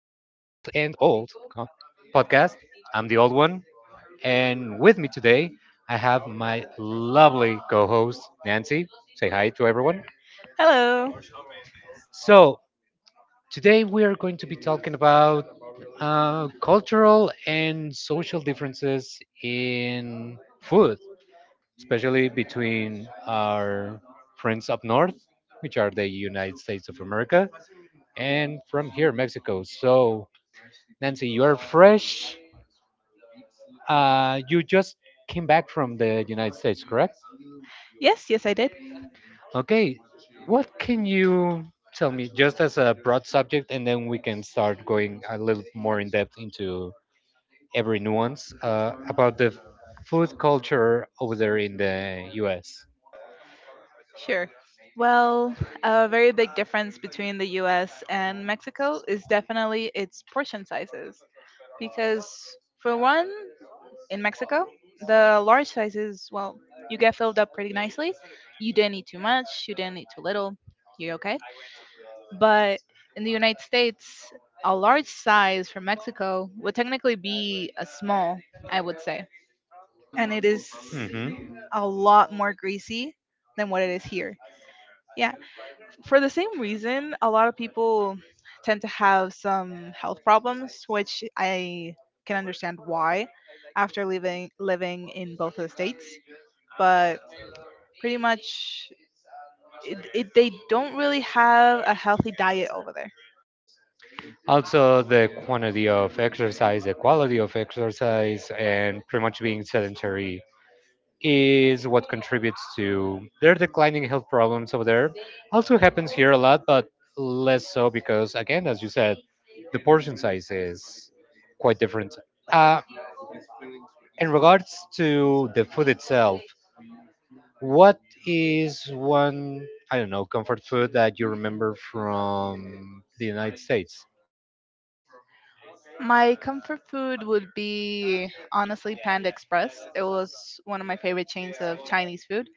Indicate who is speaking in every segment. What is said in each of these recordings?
Speaker 1: and Old uh, podcast. I'm the old one, and with me today, I have my lovely co host, Nancy. Say hi to everyone.
Speaker 2: Hello.
Speaker 1: So, today we are going to be talking about cultural and social differences in food, especially between our friends up north, which are the United States of America, and from here, Mexico. So, Nancy, you are fresh. You just came back from the United States, correct?
Speaker 2: Yes, yes, I did.
Speaker 1: Okay. What can you tell me, just as a broad subject, and then we can start going a little more in depth into every nuance about the food culture over there in the US?
Speaker 2: Sure. Well, a very big difference between the US and Mexico is definitely its portion sizes. Because, for one, in Mexico, the large sizes, well, you get filled up pretty nicely. You didn't eat too much, you didn't eat too little, you're okay. But in the United States, a large size from Mexico would technically be a small, I would say. And it is
Speaker 1: hmm
Speaker 2: a lot more greasy than what it is here. Yeah. For the same reason, a lot of people tend to have some health problems, which I can understand why after living in both of the states. But pretty much they don't really have a healthy diet over there.
Speaker 1: Also, the quantity of exercise, the quality of exercise, and pretty much being sedentary is what contributes to their declining health problems over there. Also happens here a lot, but less so because, again, as you said, the portion size is quite different. Uh, in regards to the food itself, what is one, I don't know, comfort food that you remember from the United States?
Speaker 2: My comfort food would be honestly Panda Express. It was one of my favorite chains of Chinese food,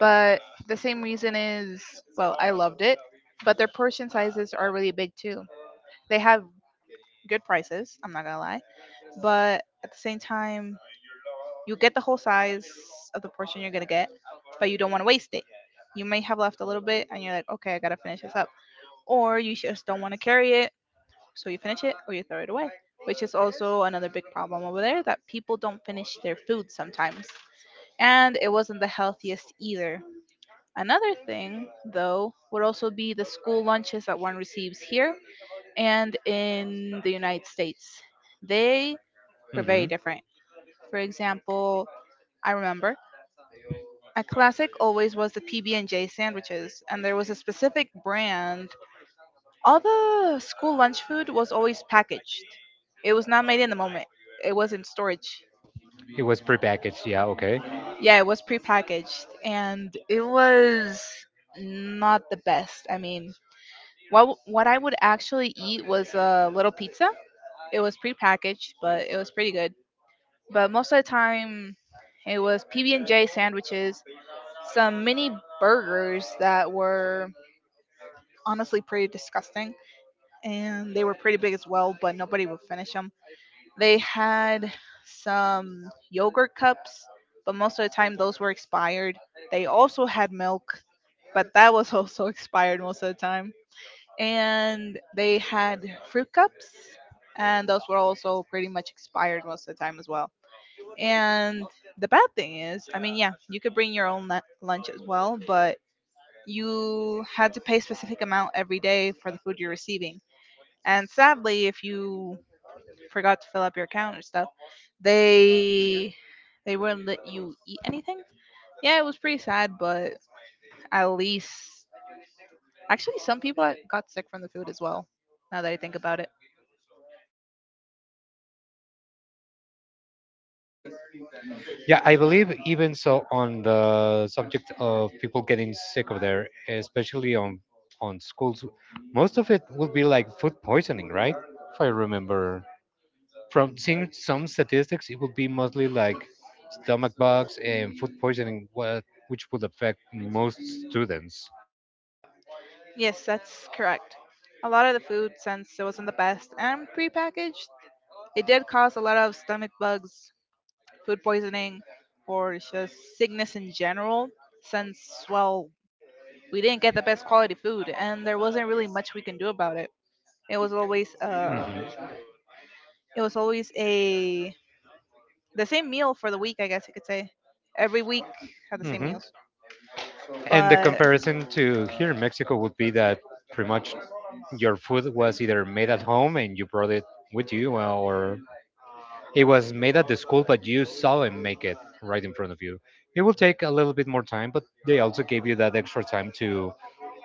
Speaker 2: but the same reason is, well, I loved it, but their portion sizes are really big too. They have good prices, I'm not gonna lie, but at the same time, you get the whole size of the portion you're gonna get, but you don't want to waste it. You may have left a little bit and you're like, okay, I gotta finish this up, or you just don't want to carry it, so you finish it or you throw it away, which is also another big problem over there, that people don't finish their food sometimes. And it wasn't the healthiest either. Another thing, though, would also be the school lunches that one receives here and in the United States. They were very
Speaker 1: hmm
Speaker 2: different. For example, I remember a classic always was the PB&J sandwiches, and there was a specific brand. All the school lunch food was always packaged. It was not made in the moment. It was in storage.
Speaker 1: It was prepackaged, yeah, okay.
Speaker 2: Yeah, it was prepackaged, and it was not the best. I mean, what I would actually eat was a little pizza. It was prepackaged, but it was pretty good. But most of the time, it was PB&J sandwiches, some mini burgers that were honestly pretty disgusting, and they were pretty big as well. But nobody would finish them. They had some yogurt cups, but most of the time those were expired. They also had milk, but that was also expired most of the time. And they had fruit cups, and those were also pretty much expired most of the time as well. And the bad thing is, I mean, yeah, you could bring your own lunch as well, but you had to pay a specific amount every day for the food you're receiving. And sadly, if you forgot to fill up your account or stuff, they they wouldn't let you eat anything. Yeah, it was pretty sad. But at least, actually, some people got sick from the food as well, now that I think about it.
Speaker 1: Yeah, I believe even so on the subject of people getting sick of there, especially on schools, most of it would be like food poisoning, right? If I remember from seeing some statistics, it would be mostly like stomach bugs and food poisoning, what which would affect most students.
Speaker 2: Yes, that's correct. A lot of the food, since it wasn't the best and prepackaged, it did cause a lot of stomach bugs, food poisoning, or just sickness in general, since, well, we didn't get the best quality food and there wasn't really much we can do about it. It was always
Speaker 1: hmm
Speaker 2: uh it was always a the same meal for the week, I guess you could say. Every week had the same
Speaker 1: hmm
Speaker 2: meals.
Speaker 1: And the
Speaker 2: But
Speaker 1: comparison to here in Mexico would be that pretty much your food was either made at home and you brought it with you, or it was made at the school, but you saw him make it right in front of you. It will take a little bit more time, but they also gave you that extra time to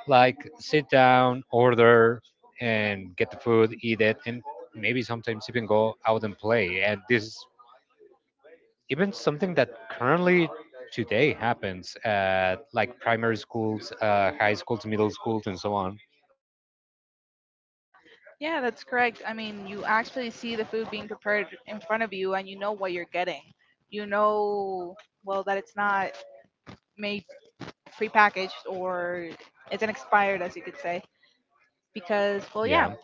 Speaker 1: like sit down, order, and get the food, eat it, and maybe sometimes even go out and play. And this is even something that currently today happens at like primary schools, high schools, middle schools, and so on.
Speaker 2: yeah, that's correct. I mean, you actually see the food being prepared in front of you and you know what you're getting. You know, well, that it's not made prepackaged or it's an expired, as you could say. Because, well, yeah,
Speaker 1: Yeah,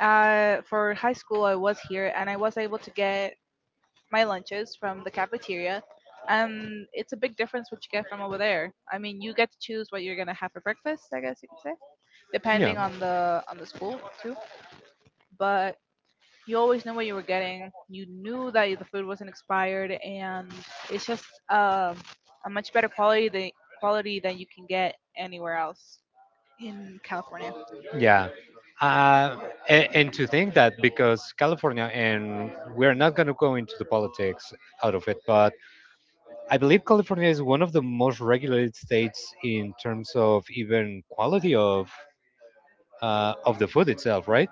Speaker 2: for high school, I was here and I was able to get my lunches from the cafeteria. And it's a big difference what you get from over there. I mean, you get to choose what you're gonna have for breakfast, I guess you could say,
Speaker 1: yeah.
Speaker 2: depending on the school too. But you always knew what you were getting. You knew that the food wasn't expired, and it's just, um, a much better quality than you can get anywhere else in California.
Speaker 1: Yeah. Uh, and to think that because California, and we're not going to go into the politics out of it, but I believe California is one of the most regulated states in terms of even quality of the food itself, right?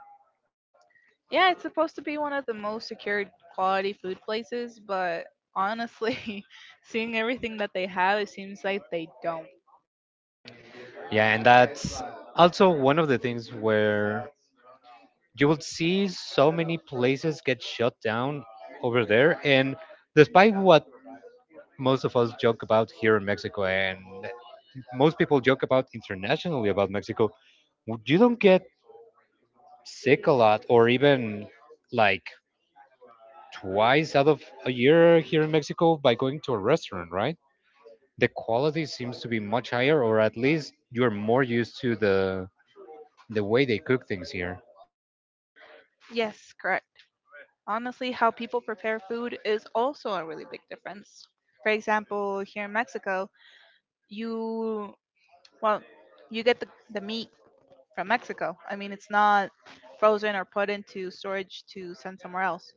Speaker 2: Yeah, it's supposed to be one of the most secured quality food places, but honestly, seeing everything that they have, it seems like they don't.
Speaker 1: Yeah, and that's also one of the things where you will see so many places get shut down over there. And despite what most of us joke about here in Mexico, and most people joke about internationally about Mexico, you don't get sick a lot or even like twice out of a year here in Mexico by going to a restaurant, right? The quality seems to be much higher, or at least you're more used to the way they cook things here.
Speaker 2: Yes, correct. Honestly, how people prepare food is also a really big difference. For example, here in Mexico, you, well, you get the meat from Mexico. I mean, it's not frozen or put into storage to send somewhere else.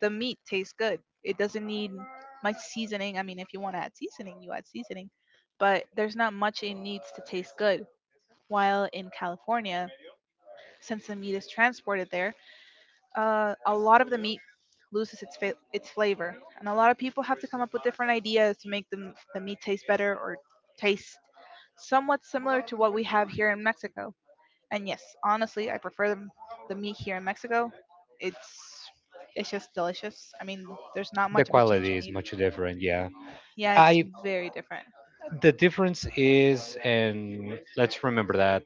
Speaker 2: The meat tastes good. It doesn't need much seasoning. I mean, if you want to add seasoning, you add seasoning, but there's not much it needs to taste good. While in California, since the meat is transported there, a lot of the meat loses its its flavor, and a lot of people have to come up with different ideas to make the meat taste better or taste somewhat similar to what we have here in Mexico. And yes, honestly, I prefer the meat here in Mexico. It's it's just delicious. I mean, there's not
Speaker 1: The
Speaker 2: much of a change
Speaker 1: quality
Speaker 2: you
Speaker 1: is
Speaker 2: need.
Speaker 1: much different, yeah.
Speaker 2: Yeah, it's
Speaker 1: I
Speaker 2: very different.
Speaker 1: the difference is, and let's remember that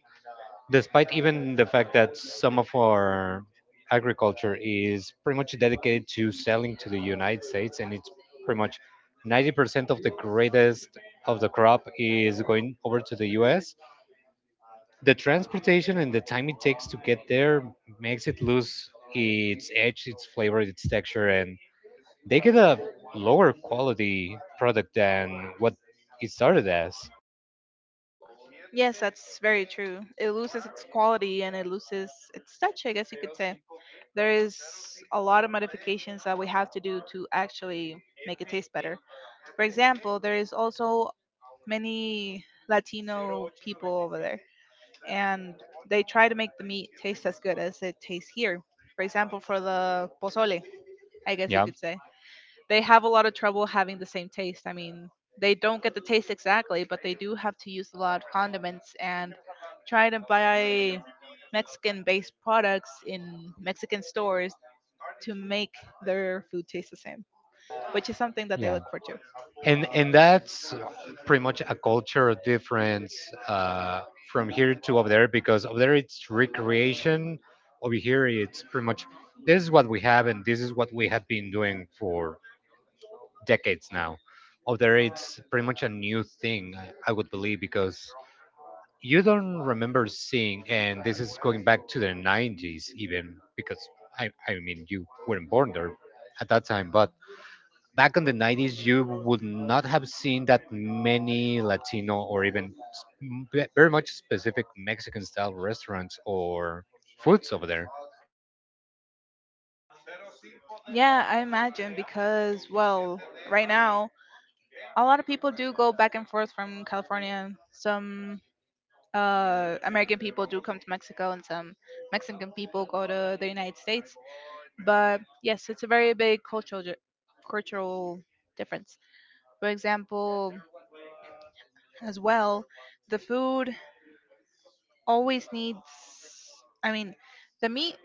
Speaker 1: despite even the fact that some of our agriculture is pretty much dedicated to selling to the United States, and it's pretty much 90% of the greatest of the crop is going over to the US. The transportation and the time it takes to get there makes it lose its edge, its flavor, its texture, and they get a lower quality product than what it started as.
Speaker 2: Yes, that's very true. It loses its quality and it loses its touch, I guess you could say. There is a lot of modifications that we have to do to actually make it taste better. For example, there is also many Latino people over there, and they try to make the meat taste as good as it tastes here. For example, for the pozole, I guess you
Speaker 1: Yeah,
Speaker 2: could say, they have a lot of trouble having the same taste. I mean, they don't get the taste exactly, but they do have to use a lot of condiments and try to buy Mexican based products in Mexican stores to make their food taste the same, which is something that they
Speaker 1: yeah.
Speaker 2: look for too.
Speaker 1: And that's pretty much a cultural difference uh, from here to over there, because over there it's recreation, over here it's pretty much this is what we have and this is what we have been doing for decades now. Over there it's pretty much a new thing, I would believe, because you don't remember seeing, and this is going back to the '90s, even because I mean you weren't born there at that time, but back in the '90s you would not have seen that many latino or even very much specific mexican style restaurants or foods over there.
Speaker 2: Yeah, I imagine because, well, right now a lot of people do go back and forth from California. Some, American people do come to Mexico, and some Mexican people go to the United States. But yes, it's a very big cultural cultural difference. For example, as well, the food always needs. I mean, the meat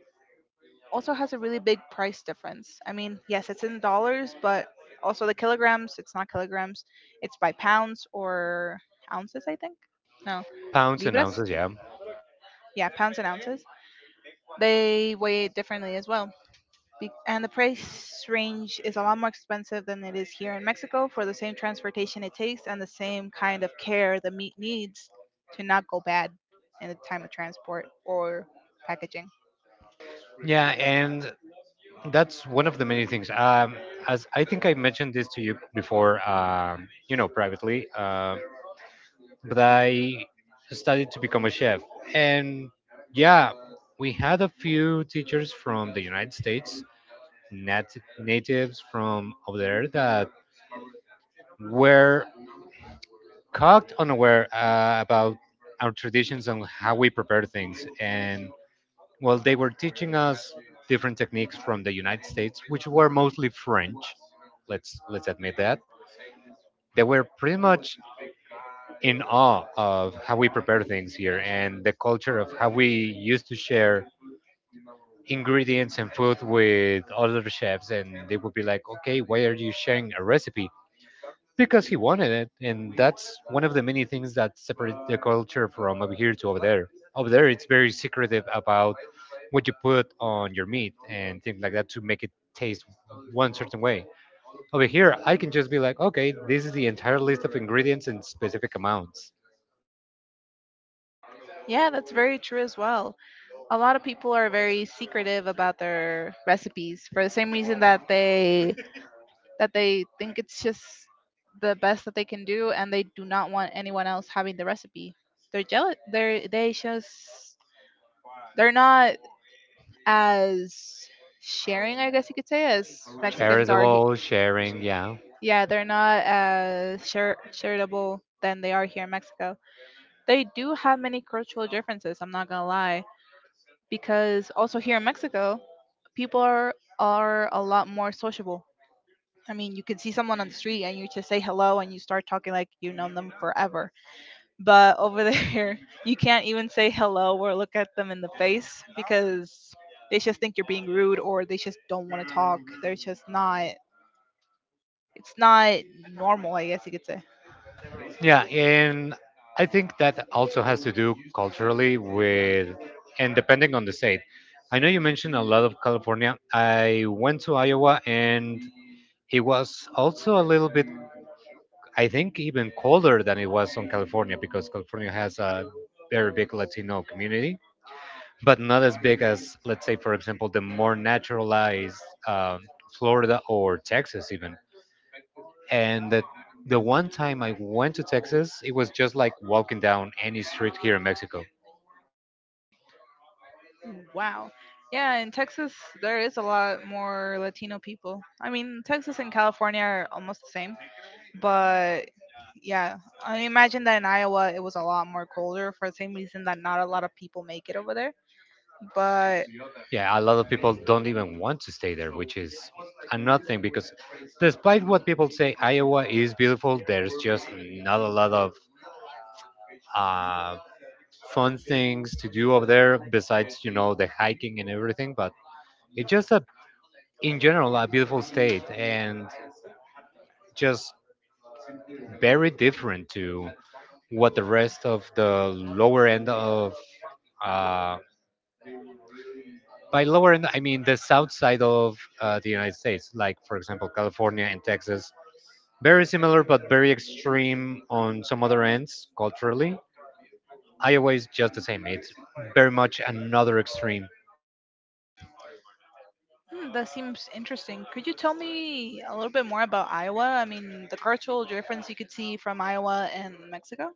Speaker 2: also has a really big price difference. I mean, yes, it's in dollars, but also the kilograms, it's not kilograms, it's by pounds or ounces, I think. No,
Speaker 1: Pounds and
Speaker 2: libras.
Speaker 1: ounces, yeah.
Speaker 2: Yeah, pounds and ounces. They weigh it differently as well. And the price range is a lot more expensive than it is here in Mexico for the same transportation it takes and the same kind of care the meat needs to not go bad in the time of transport or packaging.
Speaker 1: Yeah, and that's one of the many things, as I think I mentioned this to you before, you know, privately, but I studied to become a chef, and yeah, we had a few teachers from the United States, natives from over there that we're caught unaware about our traditions and how we prepare things. And well, they were teaching us different techniques from the United States, which were mostly French. Let's admit that they were pretty much in awe of how we prepare things here and the culture of how we used to share ingredients and food with other chefs, and they would be like, okay, why are you sharing a recipe, because he wanted it. And that's one of the many things that separate the culture from over here to over there. Over there it's very secretive about what you put on your meat and things like that to make it taste one certain way. Over here I can just be like, okay, this is the entire list of ingredients in specific amounts.
Speaker 2: Yeah, that's very true as well. A lot of people are very secretive about their recipes, for the same reason that they think it's just the best that they can do and they do not want anyone else having the recipe. They're jealous. They just, they're not as sharing, I guess you could say, as Mexicans are,
Speaker 1: Charitable sharing, yeah.
Speaker 2: yeah, they're not as charitable than they are here in Mexico. They do have many cultural differences, I'm not gonna lie. Because also here in Mexico, people are a lot more sociable. I mean, you can see someone on the street and you just say hello and you start talking like you've known them forever. But over there, you can't even say hello or look at them in the face because they just think you're being rude or they just don't want to talk. They're just not, it's not normal, I guess you could say.
Speaker 1: Yeah, and I think that also has to do culturally with, and depending on the state. I know you mentioned a lot of California. I went to Iowa and it was also a little bit, I think, even colder than it was on California, because California has a very big Latino community, but not as big as, let's say, for example, the more naturalized um Florida or Texas, even. And the one time I went to Texas, it was just like walking down any street here in Mexico.
Speaker 2: Wow. Yeah, in Texas, there is a lot more Latino people. I mean, Texas and California are almost the same. But yeah, I imagine that in Iowa it was a lot more colder for the same reason that not a lot of people make it over there. But
Speaker 1: Yeah, a lot of people don't even want to stay there, which is another thing because despite what people say, Iowa is beautiful, there's just not a lot of uh, fun things to do over there besides, you know, the hiking and everything. But it's just in general, a beautiful state and just very different to what the rest of the lower end of um, by lower end, I mean the south side of the United States, like, for example, California and Texas. Very similar, but very extreme on some other ends culturally. Iowa is just the same. It's very much another extreme.
Speaker 2: hmm, that seems interesting. Could you tell me a little bit more about Iowa? I mean, the cultural difference you could see from Iowa and Mexico?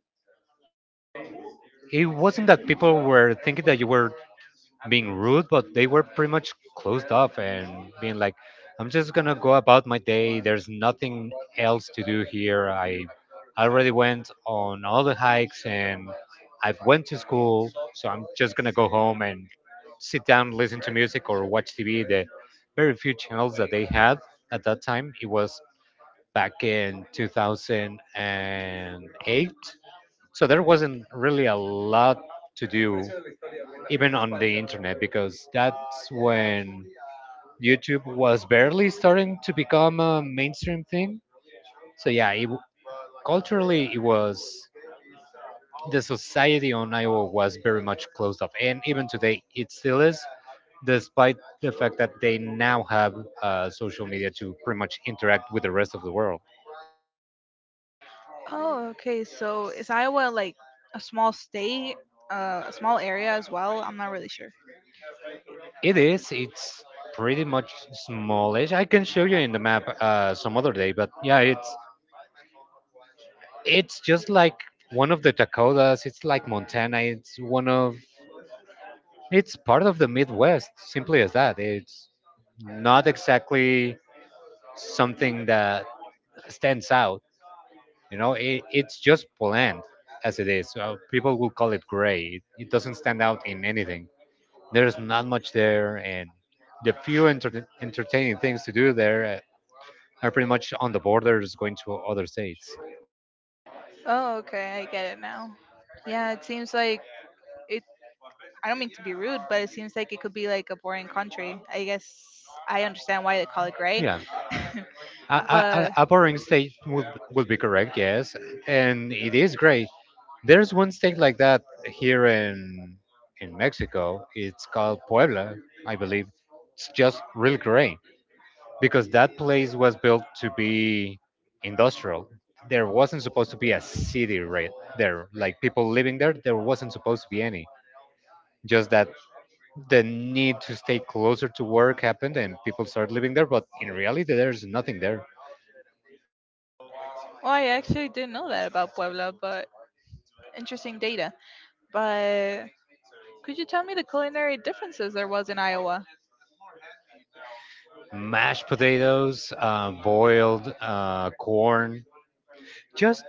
Speaker 1: It wasn't that people were thinking that you were being rude, but they were pretty much closed off and being like, "I'm just gonna go about my day. There's nothing else to do here. I already went on all the hikes and I've went to school, so I'm just gonna go home and sit down, listen to music or watch TV." The very few channels that they had at that time. It was back in 2008, so there wasn't really a lot to do even on the internet, because that's when YouTube was barely starting to become a mainstream thing. So yeah, culturally it was the society on Iowa was very much closed off, and even today it still is, despite the fact that they now have social media to pretty much interact with the rest of the world.
Speaker 2: Oh, okay. So is Iowa like a small state, a small area as well? I'm not really sure.
Speaker 1: It is. It's pretty much smallish. I can show you in the map some other day, but yeah, it's just like one of the Dakotas. It's like Montana. It's one of. It's part of the Midwest. Simply as that. It's not exactly something that stands out. You know, it's just bland as it is. People will call it gray. It doesn't stand out in anything. There's not much there, and the few entertaining things to do there are pretty much on the borders going to other states.
Speaker 2: Oh, okay. I get it now. Yeah, it seems like it. I don't mean to be rude, but it seems like it could be like a boring country. I guess I understand why they call it gray.
Speaker 1: Yeah. A,
Speaker 2: But
Speaker 1: a boring stage would be correct, yes, and it is great. There's one state like that here in Mexico. It's called Puebla, I believe. It's just really great because that place was built to be industrial. There wasn't supposed to be a city right there, like people living there. There wasn't supposed to be any. Just that the need to stay closer to work happened, and people started living there. But in reality, there's nothing there.
Speaker 2: well, I actually didn't know that about Puebla, but interesting data. But could you tell me the culinary differences there was in Iowa?
Speaker 1: Mashed potatoes, boiled corn, just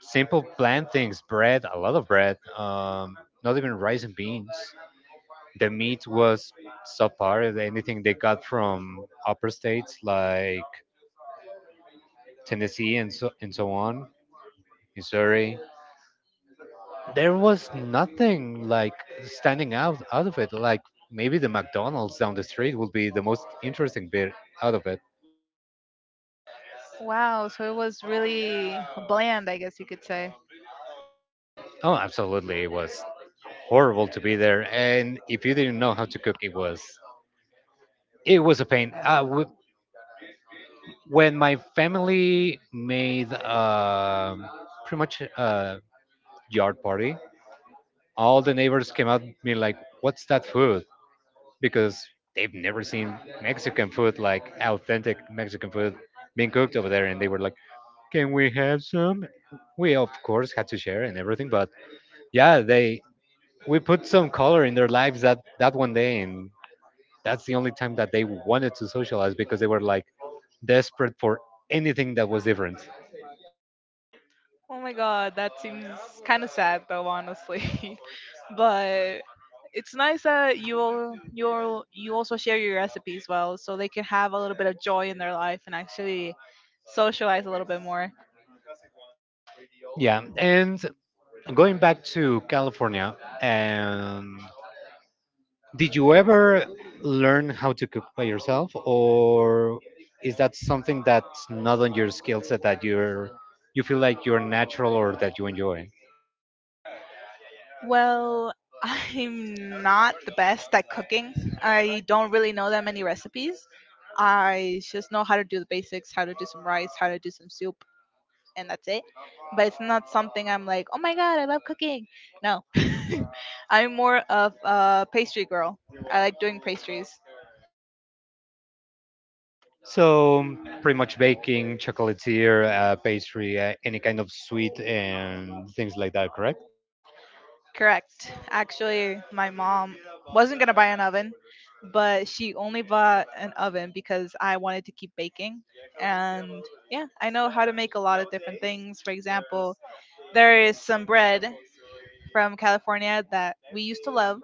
Speaker 1: simple plain things. Bread, a lot of bread. Not even rice and beans. The meat was subpar. Anything they got from upper states like Tennessee and so on, Missouri. There was nothing like standing out out of it. Like maybe the McDonald's down the street would be the most interesting bit out of it.
Speaker 2: Wow, so it was really bland, I guess you could say.
Speaker 1: Oh, absolutely, it was horrible to be there. And if you didn't know how to cook, it was a pain. When my family made pretty much a yard party, all the neighbors came out being like, "What's that food?" Because they've never seen Mexican food, like authentic Mexican food being cooked over there, and they were like, "Can we have some?" We of course had to share and everything, but yeah, they we put some color in their lives that one day, and that's the only time that they wanted to socialize because they were like desperate for anything that was different.
Speaker 2: Oh my god, that seems kind of sad though, honestly. But it's nice that you also share your recipes, well, so they can have a little bit of joy in their life and actually socialize a little bit more.
Speaker 1: Yeah, and going back to California, um, did you ever learn how to cook by yourself, or is that something that's not on your skill set that you feel like you're natural or that you enjoy?
Speaker 2: Well, I'm not the best at cooking. I don't really know that many recipes. I just know how to do the basics, how to do some rice, how to do some soup, and that's it. But it's not something I'm like, "Oh my god, I love cooking." No, I'm more of a pastry girl. I like doing pastries.
Speaker 1: So pretty much baking, chocolatier, pastry, any kind of sweet and things like that. Correct?
Speaker 2: Correct. Actually, my mom wasn't gonna buy an oven, but she only bought an oven because I wanted to keep baking. And yeah, I know how to make a lot of different things. For example, there is some bread from California that we used to love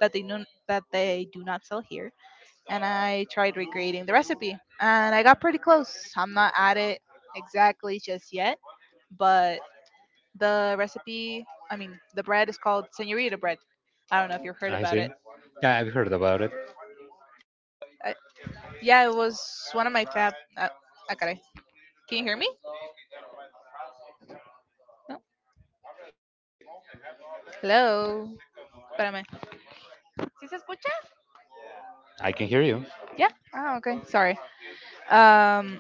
Speaker 2: that they know that they do not sell here, and I tried recreating the recipe. And I got pretty close. I'm not at it exactly just yet, but the recipe, I mean, the bread is called Senorita bread. I don't know if you've heard
Speaker 1: I
Speaker 2: about
Speaker 1: see.
Speaker 2: it.
Speaker 1: Yeah, I've heard about it.
Speaker 2: I, yeah, it was one of my fab. Ah, caray. Can you hear me? No. Hello. Espérame. ¿Sí se escucha?
Speaker 1: I can hear you.
Speaker 2: Yeah. Oh, okay. Sorry. Um,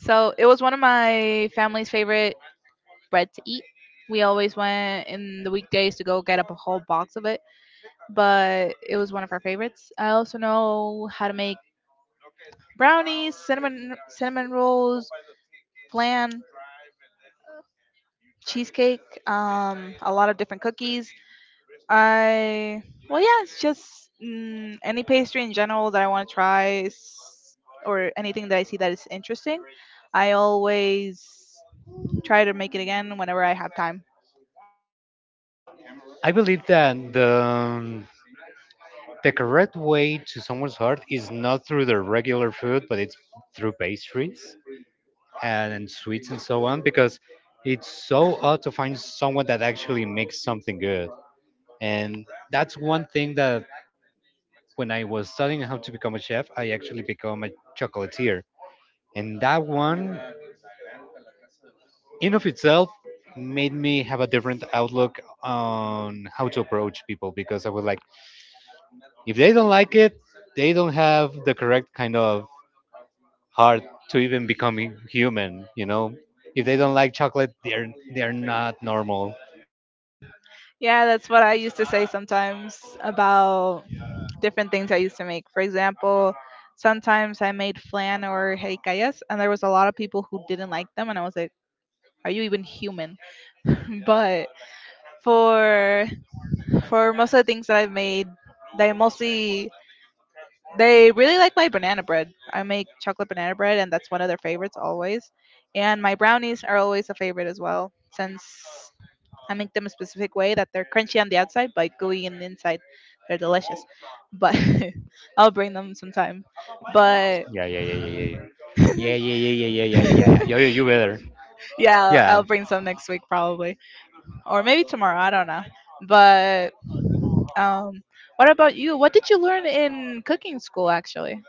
Speaker 2: so it was one of my family's favorite bread to eat. We always went in the weekdays to go get up a whole box of it, but it was one of our favorites. I also know how to make brownies, cinnamon rolls, flan, cheesecake, a lot of different cookies. I, well, yeah, it's just any pastry in general that I want to try, or anything that I see that is interesting. I always try to make it again whenever I have time.
Speaker 1: I believe that the correct way to someone's heart is not through their regular food, but it's through pastries and sweets and so on, because it's so hard to find someone that actually makes something good. And that's one thing that when I was studying how to become a chef, I actually become a chocolatier. And that one, in of itself, made me have a different outlook on how to approach people because I was like, if they don't like it, they don't have the correct kind of heart to even become human. You know, if they don't like chocolate, they're not normal.
Speaker 2: Yeah, that's what I used to say sometimes about different things I used to make. For example, sometimes I made flan or jericayas, and there was a lot of people who didn't like them, and I was like, "Are you even human?" But for for most of the things that I've made, they mostly, they really like my banana bread. I make chocolate banana bread, and that's one of their favorites always. And my brownies are always a favorite as well, since I make them a specific way that they're crunchy on the outside but gooey in the inside. They're delicious, but I'll bring them sometime. But
Speaker 1: Yeah, yeah, yeah, yeah, yeah. Yeah, yeah, yeah, yeah, yeah, yeah, yeah, yeah. You better.
Speaker 2: yeah, I'll,
Speaker 1: Yeah.
Speaker 2: I'll bring some next week probably, or maybe tomorrow. I don't know. But um, what about you? What did you learn in cooking school actually?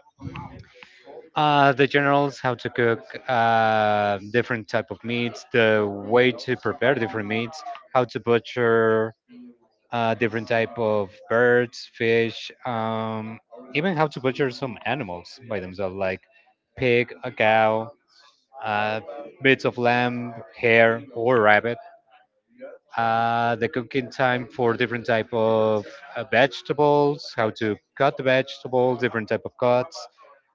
Speaker 1: The generals how to cook different type of meats, the way to prepare different meats, how to butcher different type of birds, fish, even how to butcher some animals by themselves, like pig, a cow, uh, bits of lamb, hare, or rabbit. The cooking time for different type of vegetables, how to cut the vegetables, different type of cuts,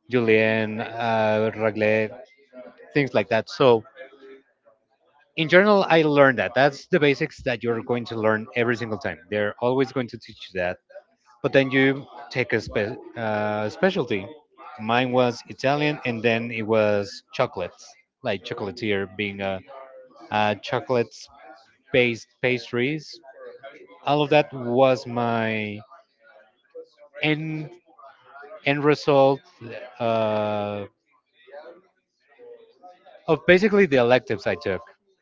Speaker 1: julienne, raglet, things like that. So in general, I learned that. That's the basics that you're going to learn every single time. They're always going to teach you that, but then you take a specialty. Mine was Italian, and then it was chocolates, like chocolatier, being a, uh, chocolate-based pastries. All of that was my end end result uh, of basically the electives I took.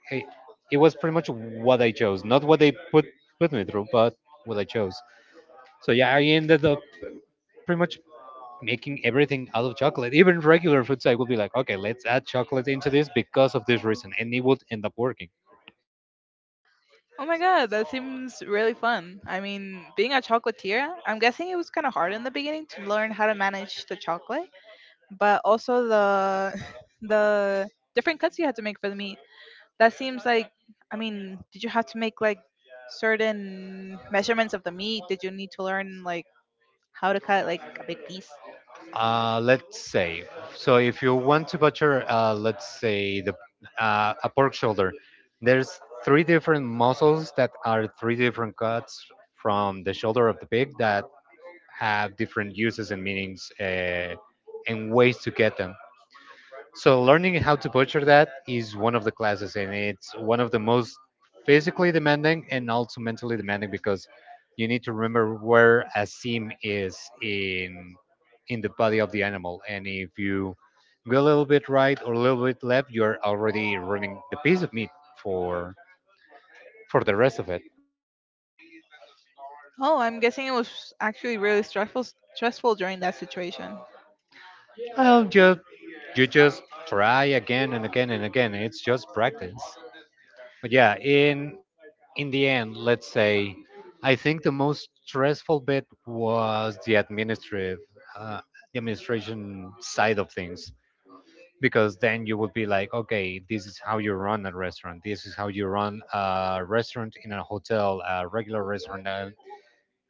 Speaker 1: It, it was pretty much what I chose, not what they put me through, but what I chose. So yeah, I ended up pretty much making everything out of chocolate. Even regular food site would be like, okay, let's add chocolate into this because of this reason, and it would end up working.
Speaker 2: Oh my god, that seems really fun. I mean, being a chocolatier, I'm guessing it was kind of hard in the beginning to learn how to manage the chocolate, but also the the different cuts you had to make for the meat. That seems like, I mean, did you have to make like certain measurements of the meat? Did you need to learn like how to cut like a big piece?
Speaker 1: Uh, let's say, so if you want to butcher, let's say the a pork shoulder, there's three different muscles that are three different cuts from the shoulder of the pig that have different uses and meanings, and ways to get them. So learning how to butcher that is one of the classes, and it's one of the most physically demanding and also mentally demanding because you need to remember where a seam is in in the body of the animal, and if you go a little bit right or a little bit left, you're already ruining the piece of meat for for the rest of it.
Speaker 2: Oh, I'm guessing it was actually really stressful during that situation.
Speaker 1: Well, just you just try again and again and again. It's just practice. But yeah, in the end, let's say, I think the most stressful bit was the administrative, uh, the administration side of things, because then you would be like, okay, this is how you run a restaurant, this is how you run a restaurant in a hotel, a regular restaurant, an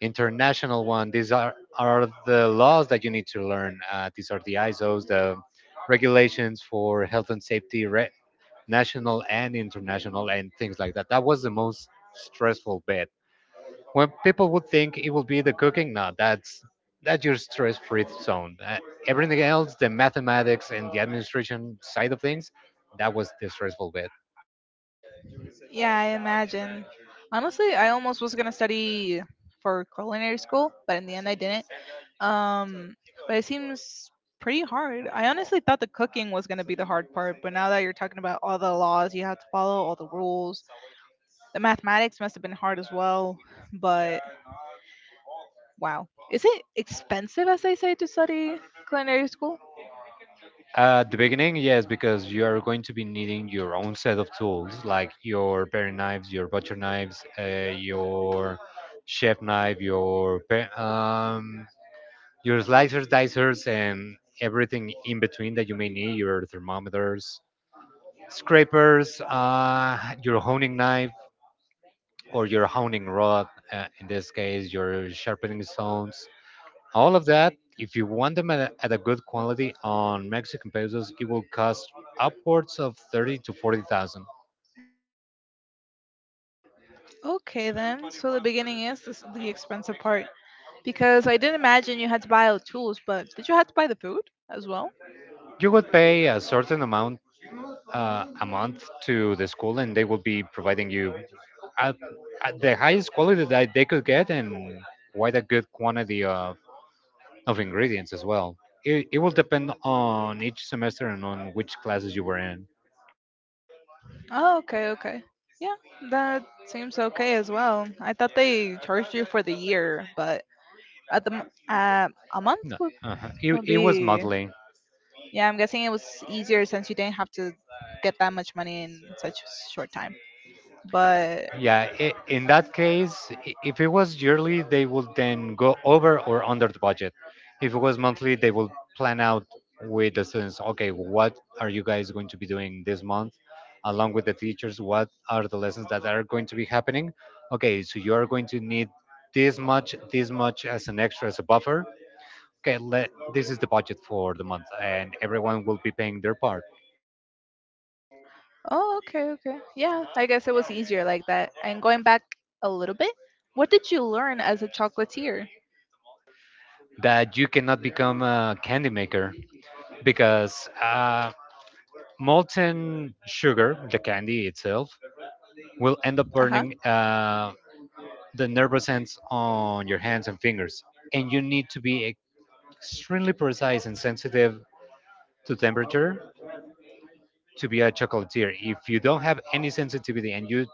Speaker 1: international one. These are the laws that you need to learn. These are the ISOs, the regulations for health and safety, national and international, and things like that. That was the most stressful bit. When people would think it would be the cooking, no, that's your stress free zone. Everything else, the mathematics and the administration side of things, that was the stressful bit.
Speaker 2: Yeah, I imagine. Honestly, I almost was gonna study for culinary school, but in the end, I didn't. Um, but it seems pretty hard. I honestly thought the cooking was gonna be the hard part, but now that you're talking about all the laws you have to follow, all the rules, the mathematics must have been hard as well, but wow. Is it expensive, as they say, to study culinary school?
Speaker 1: At the beginning, yes, because you are going to be needing your own set of tools, like your paring knives, your butcher knives, your chef knife, your your slicers, dicers, and everything in between that you may need, your thermometers, scrapers, your honing knives, or your honing rod, in this case, your sharpening stones. All of that, if you want them at a good quality, on Mexican pesos, it will cost upwards of 30 to 40,000.
Speaker 2: Okay, then. So the beginning is this, the expensive part. Because I didn't imagine you had to buy all the tools, but did you have to buy the food as well?
Speaker 1: You would pay a certain amount, a month, to the school, and they will be providing you at, at the highest quality that they could get, and quite a good quantity of ingredients as well. It will depend on each semester and on which classes you were in.
Speaker 2: Oh, okay, okay. Yeah, that seems okay as well. I thought they charged you for the year, but at the uh, a month
Speaker 1: No, it,
Speaker 2: would
Speaker 1: it was
Speaker 2: be.
Speaker 1: monthly.
Speaker 2: Yeah, I'm guessing it was easier since you didn't have to get that much money in such a short time. But
Speaker 1: Yeah, I in that case, if it was yearly, they would then go over or under the budget. If it was monthly, they will plan out with the students, okay, what are you guys going to be doing this month? Along with the teachers, what are the lessons that are going to be happening? Okay, so you are going to need this much as an extra, as a buffer. Okay, let, this is the budget for the month, and everyone will be paying their part.
Speaker 2: oh, okay, okay. Yeah, I guess it was easier like that. And going back a little bit, what did you learn as a chocolatier?
Speaker 1: That you cannot become a candy maker, because molten sugar, the candy itself, will end up
Speaker 2: Uh huh.
Speaker 1: burning the nervous ends on your hands and fingers. And you need to be extremely precise and sensitive to temperature to be a chocolatier. If you don't have any sensitivity and you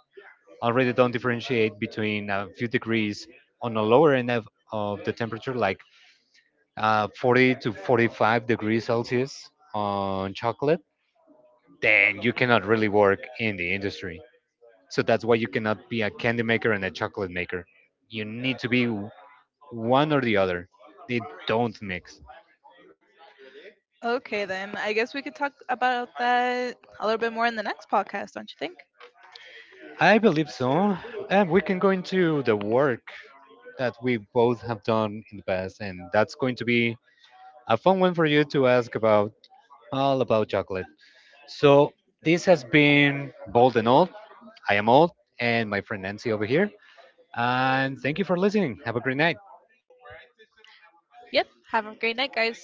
Speaker 1: already don't differentiate between a few degrees on the lower end of the temperature, like 40 to 45 degrees Celsius on chocolate, then you cannot really work in the industry. So that's why you cannot be a candy maker and a chocolate maker. You need to be one or the other. They don't mix.
Speaker 2: Okay, then I guess we could talk about that a little bit more in the next podcast, don't you think?
Speaker 1: I believe so. And we can go into the work that we both have done in the past, and that's going to be a fun one for you to ask about, all about chocolate. So this has been Bold and Old. I am Old, and my friend Nancy over here. And thank you for listening. Have a great night.
Speaker 2: Yep. Have a great night, guys.